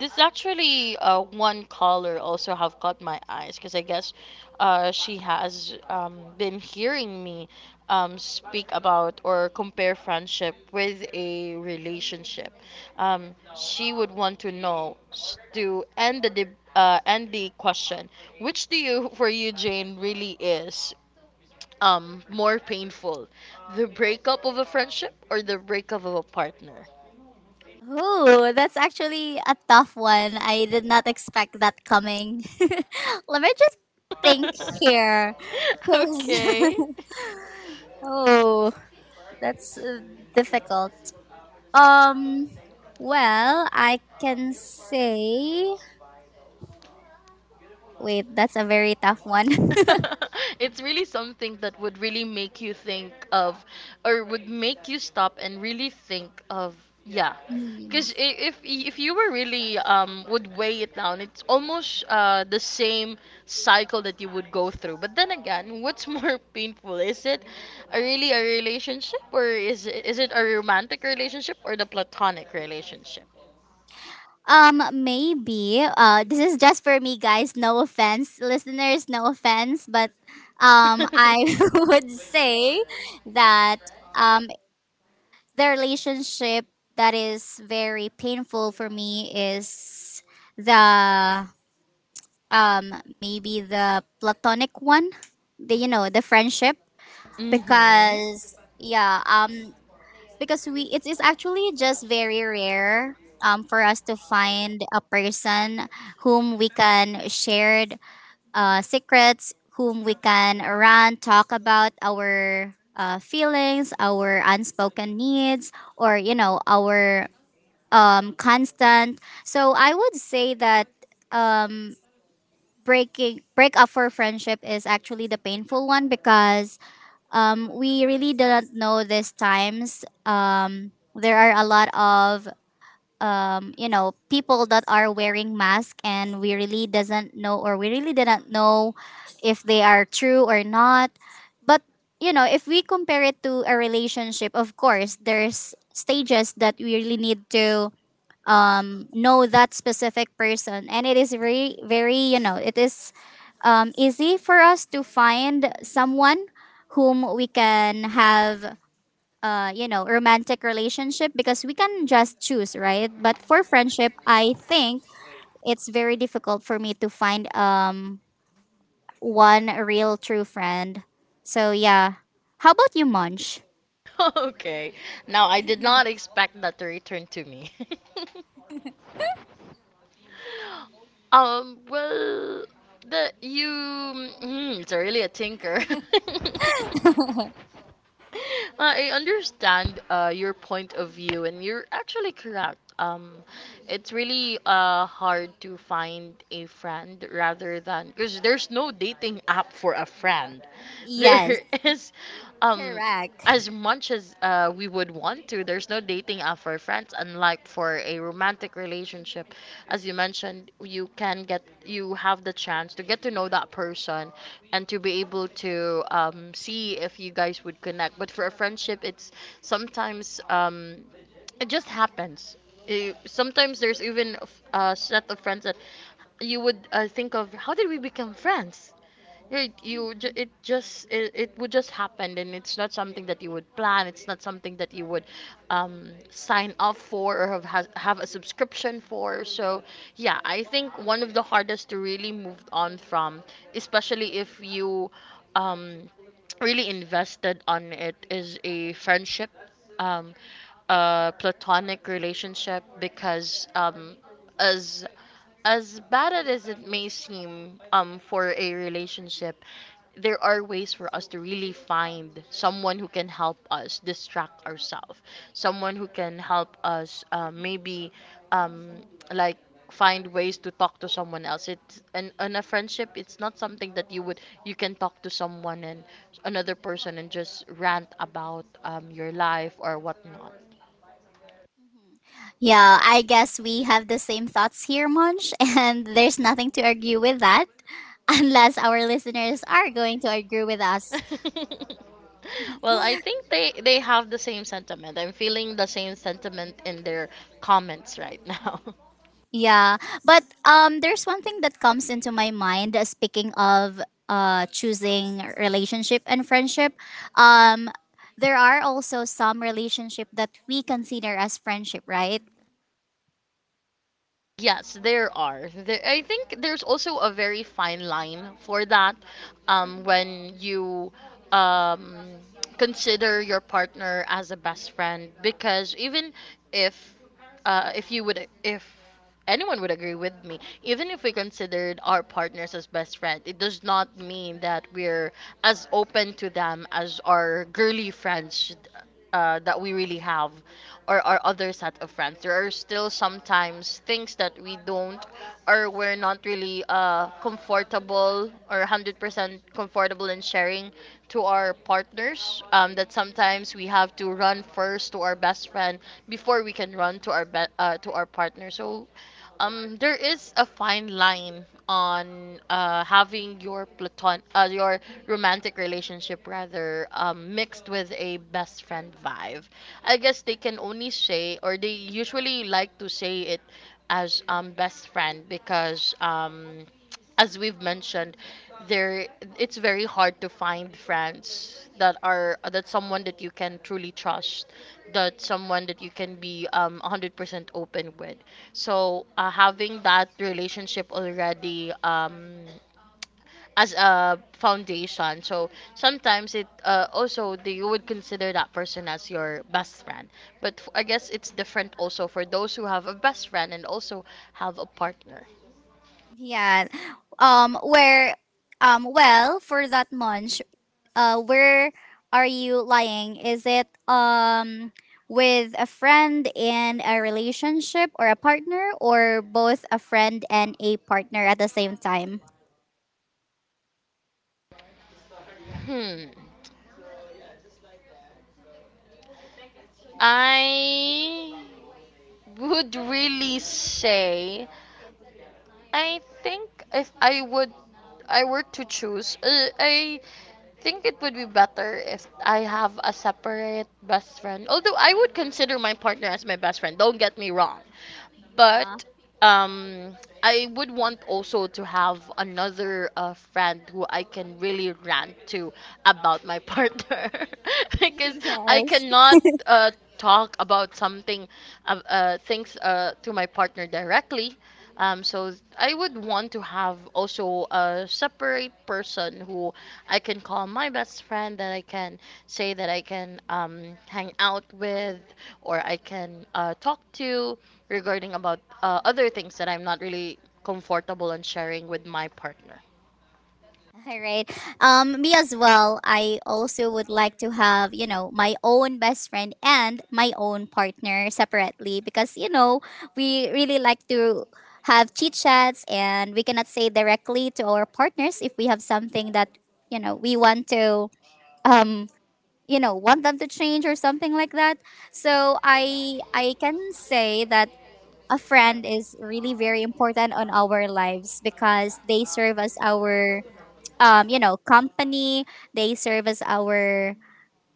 [SPEAKER 2] this actually one caller also have caught my eyes, because I guess she has been hearing me speak about or compare friendship with a relationship. She would want to know to end the end the question. Which do you (laughs) for you, Jane, really is more painful, the breakup of a friendship or the breakup of a partner?
[SPEAKER 1] Oh, that's actually a tough one. I did not expect that coming. (laughs) Let me just think
[SPEAKER 2] (laughs)
[SPEAKER 1] here. 'Cause-
[SPEAKER 2] Okay.
[SPEAKER 1] (laughs) oh, that's difficult. Um, well, I can say, wait, that's a very tough one. (laughs)
[SPEAKER 2] (laughs) It's really something that would really make you think of, or would make you stop and really think of, yeah.
[SPEAKER 1] Hmm.
[SPEAKER 2] Because if you were really would weigh it down, it's almost the same cycle that you would go through. But then again, what's (laughs) more painful, is it a really a relationship, or is it a romantic relationship or the platonic relationship?
[SPEAKER 1] Maybe. This is just for me, guys. No offense, listeners. No offense, but I (laughs)
[SPEAKER 2] (laughs)
[SPEAKER 1] would say that, um, the relationship that is very painful for me is the, um maybe the platonic one, the you know the friendship,
[SPEAKER 2] Mhm.
[SPEAKER 1] because yeah, because we, it is actually just very rare for us to find a person whom we can share secrets, whom we can run, talk about our feelings, our unspoken needs, or you know our constant. So I would say that, um, break up for friendship is actually the painful one, because we really didn't know these times. There are a lot of you know people that are wearing masks, and we really doesn't know, or we really didn't know if they are true or not. But you know, if we compare it to a relationship, of course, there's stages that we really need to know that specific person, and it is very very you know, it is easy for us to find someone whom we can have you know romantic relationship, because we can just choose, right? But for friendship, I think it's very difficult for me to find one real true friend. So yeah, how about you, Munch?
[SPEAKER 2] (laughs) Okay. Now I did not expect that to return to me. (laughs) Well, the you. Mm, it's really a tinker. (laughs) I understand your point of view, and you're actually correct. It's really hard to find a friend rather than, because there's no dating app for a friend.
[SPEAKER 1] Yes,
[SPEAKER 2] There (laughs) is, um,
[SPEAKER 1] correct.
[SPEAKER 2] as much as we would want to, there's no dating app for friends. Unlike for a romantic relationship, as you mentioned, you can get you have the chance to get to know that person and to be able to see if you guys would connect. But for a friendship, it's sometimes it just happens. Eh, sometimes there's even a set of friends that you would think of. How did we become friends? Right, it just it would just happen, and it's not something that you would plan. It's not something that you would sign up for, or have a subscription for. So yeah, I think one of the hardest to really move on from, especially if you um, really invested on it, is a friendship, um, a platonic relationship, because as as bad as it may seem for a relationship, there are ways for us to really find someone who can help us distract ourselves, someone who can help us maybe um, like find ways to talk to someone else. It's and in a friendship, it's not something that you would you can talk to someone and another person and just rant about your life or whatnot.
[SPEAKER 1] Mhm. Yeah, I guess we have the same thoughts here, Munch, (laughs) and there's nothing to argue with that, (laughs) unless our listeners are going to argue with us.
[SPEAKER 2] (laughs) Well,
[SPEAKER 1] (laughs)
[SPEAKER 2] I think they have the same sentiment. I'm feeling the same sentiment in their comments right (laughs) now.
[SPEAKER 1] Yeah, but there's one thing that comes into my mind. Speaking of choosing relationship and friendship, um, there are also some relationship that we consider as friendship, right?
[SPEAKER 2] Yes, there are. I think there's also a very fine line for that
[SPEAKER 1] Mhm.
[SPEAKER 2] when you um, consider your partner as a best friend, because even if if you would if anyone would agree with me, even if we considered our partners as best friend, it does not mean that we're as open to them as our girly friends that we really have, or our other set of friends. There are still sometimes things that we don't, or we're not really comfortable or 100% comfortable in sharing to our partners, that sometimes we have to run first to our best friend before we can run to our to our partner. So there is a fine line on having your platon your romantic relationship rather mixed with a best friend vibe. I guess they can only say, or they usually like to say it as best friend, because as we've mentioned, there it's very hard to find friends that are, that someone that you can truly trust, that someone that you can be 100% open with. So having that relationship already as a foundation, so sometimes it you would consider that person as your best friend. But I guess it's different also for those who have a best friend and also have a partner.
[SPEAKER 1] Yeah, where well, for that month, where are you lying? Is it with a friend in a relationship, or a partner, or both a friend and a partner at the same time?
[SPEAKER 2] Hmm. I would really say I think if I were to choose, I think it would be better if I have a separate best friend. Although I would consider my partner as my best friend, don't get me wrong,
[SPEAKER 1] Yeah.
[SPEAKER 2] but um I would want also to have another friend who I can really rant to about my partner (laughs)
[SPEAKER 1] (laughs)
[SPEAKER 2] because I
[SPEAKER 1] Yes.
[SPEAKER 2] cannot uh, talk about something things to my partner directly. So I would want to have also a separate person who I can call my best friend, that I can say that I can hang out with, or I can talk to regarding about other things that I'm not really comfortable on sharing with my partner.
[SPEAKER 1] (laughs) All right. Me as well. I also would like to have, you know, my own best friend and my own partner separately, because, you know, we really like to have chit chats, and we cannot say directly to our partners if we have something that, you know, we want to, um, you know, want them to change, or something like that. So I can say that a friend is really very important on our lives, because they serve as our you know, company. They serve as our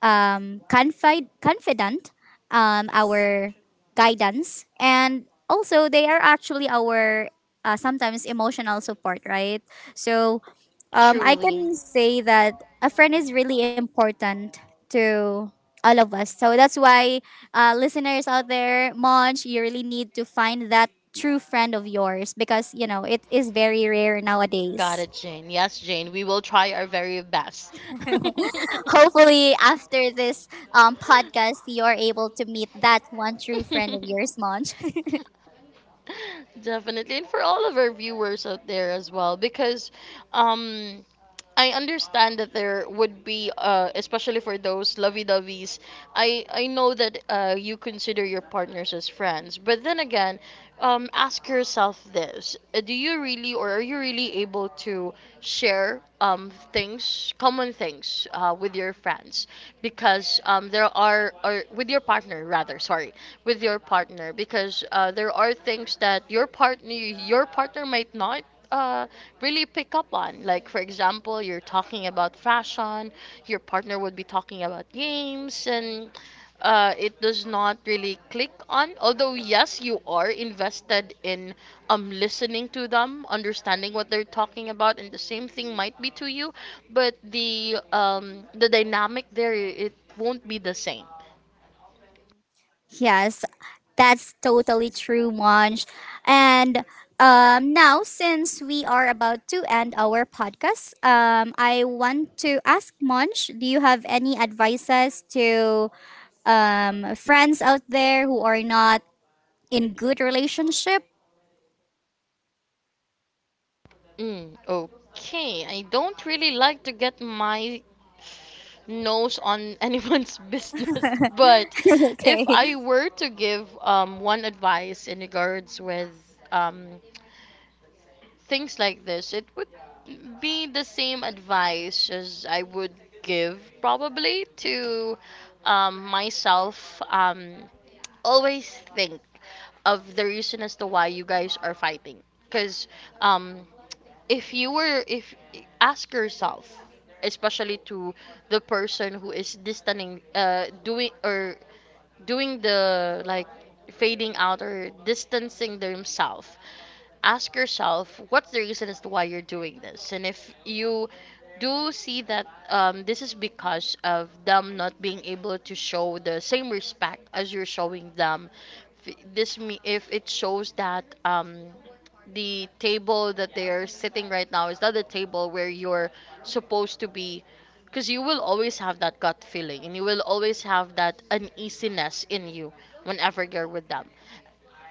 [SPEAKER 1] confidant, our guidance, and also they are actually our sometimes emotional support, right? So I
[SPEAKER 2] Truly.
[SPEAKER 1] can say that a friend is really important to all of us. So that's why, listeners out there, Monch, you really need to find that true friend of yours, because you know it is very rare
[SPEAKER 2] Got
[SPEAKER 1] nowadays.
[SPEAKER 2] it, Jane. Yes, Jane, we will try our very best.
[SPEAKER 1] Hopefully after this podcast, you're able to meet that one true friend of yours,
[SPEAKER 2] (laughs)
[SPEAKER 1] Monch.
[SPEAKER 2] Definitely, and for all of our viewers out there as well, because um, I understand that there would be, especially for those lovey-doveys. I know that you consider your partners as friends, but then again, ask yourself this: do you really, or are you really able to share things, common things, with your friends? Because there are, or with your partner rather, sorry, with your partner, because there are things that your partner might not uh, really pick up on. Like, for example, you're talking about fashion, your partner would be talking about games, and it does not really click on. Although, yes, you are invested in listening to them, understanding what they're talking about, and the same thing might be to you, but the dynamic there, it won't be the same.
[SPEAKER 1] (laughs) Yes, that's totally true, Monch. And now, since we are about to end our podcast, I want to ask Monch, do you have any advices to friends out there who are not in good relationship?
[SPEAKER 2] Mm, okay, I don't really like to get my nose on (laughs) anyone's business, but
[SPEAKER 1] (laughs)
[SPEAKER 2] if
[SPEAKER 1] Okay.
[SPEAKER 2] I were to give one advice in regards with um, things like this, it would be the same advice as I would give probably to myself. Always think of the reason as to why you guys are fighting, because um if you were if ask yourself, especially to the person who is distancing, doing or doing the like fading out or distancing themselves. Ask yourself, what's the reason as to why you're doing this? And if you do see that this is because of them not being able to show the same respect as you're showing them, f- this me if it shows that the table that they are sitting right now is not the table where you're supposed to be, because you will always have that gut feeling and you will always have that uneasiness in you whenever you're with them.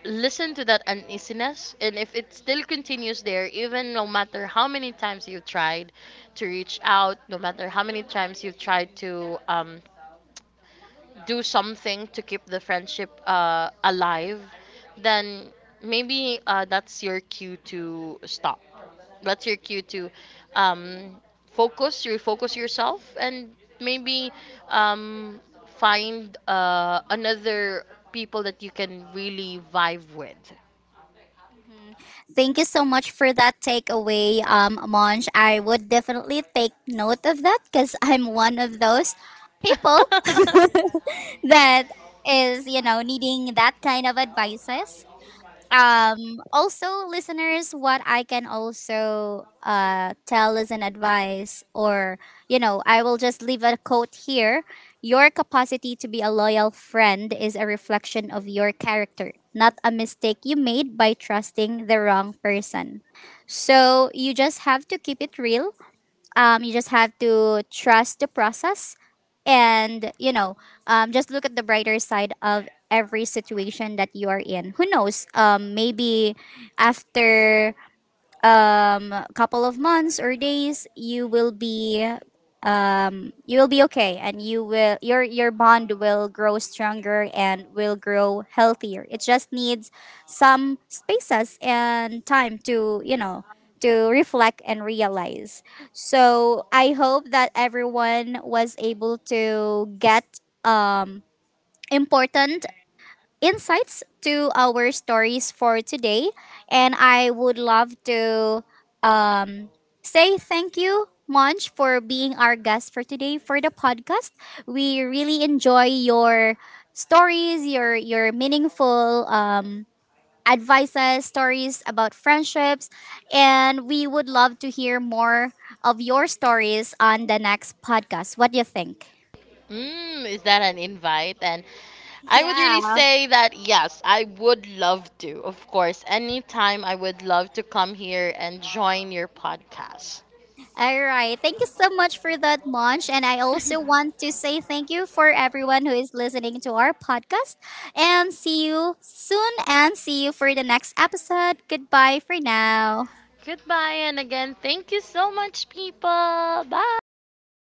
[SPEAKER 2] Listen to that uneasiness, and if it still continues there, even no matter how many times you tried to reach out, no matter how many times you've tried to do something to keep the friendship alive, then maybe that's your cue to stop. That's your cue to um, focus, refocus yourself, and maybe um, find another people that you can really vibe with.
[SPEAKER 1] Thank you so much for that takeaway, Monj. I would definitely take note of that, because I'm one of those people
[SPEAKER 2] (laughs)
[SPEAKER 1] that is, you know, needing that kind of advices. Also, listeners, what I can also tell as an advice, or you know, I will just leave a quote here. Your capacity to be a loyal friend is a reflection of your character, not a mistake you made by trusting the wrong person. So you just have to keep it real. You just have to trust the process, and you know, just look at the brighter side of every situation that you are in. Who knows, maybe after a couple of months or days, you will be, you will be okay, and your bond will grow stronger and will grow healthier. It just needs some spaces and time to you know, to reflect and realize. So I hope that everyone was able to get important insights to our stories for today. And I would love to um, say thank you, Monch, for being our guest for today for the podcast. We really enjoy your stories, your meaningful advices, stories about friendships, and we would love to hear more of your stories on the next podcast. What do you think?
[SPEAKER 2] Mm, is that an invite? And I would
[SPEAKER 1] Yeah.
[SPEAKER 2] really say that yes, I would love to. Of course, anytime I would love to come here and join your podcast.
[SPEAKER 1] All right. Thank you so much for that, Munch. And I also
[SPEAKER 2] (laughs)
[SPEAKER 1] want to say thank you for everyone who is listening to our podcast. And see you soon, and see you for the next episode. Goodbye for now.
[SPEAKER 2] Goodbye, and again, thank you so much, people. Bye.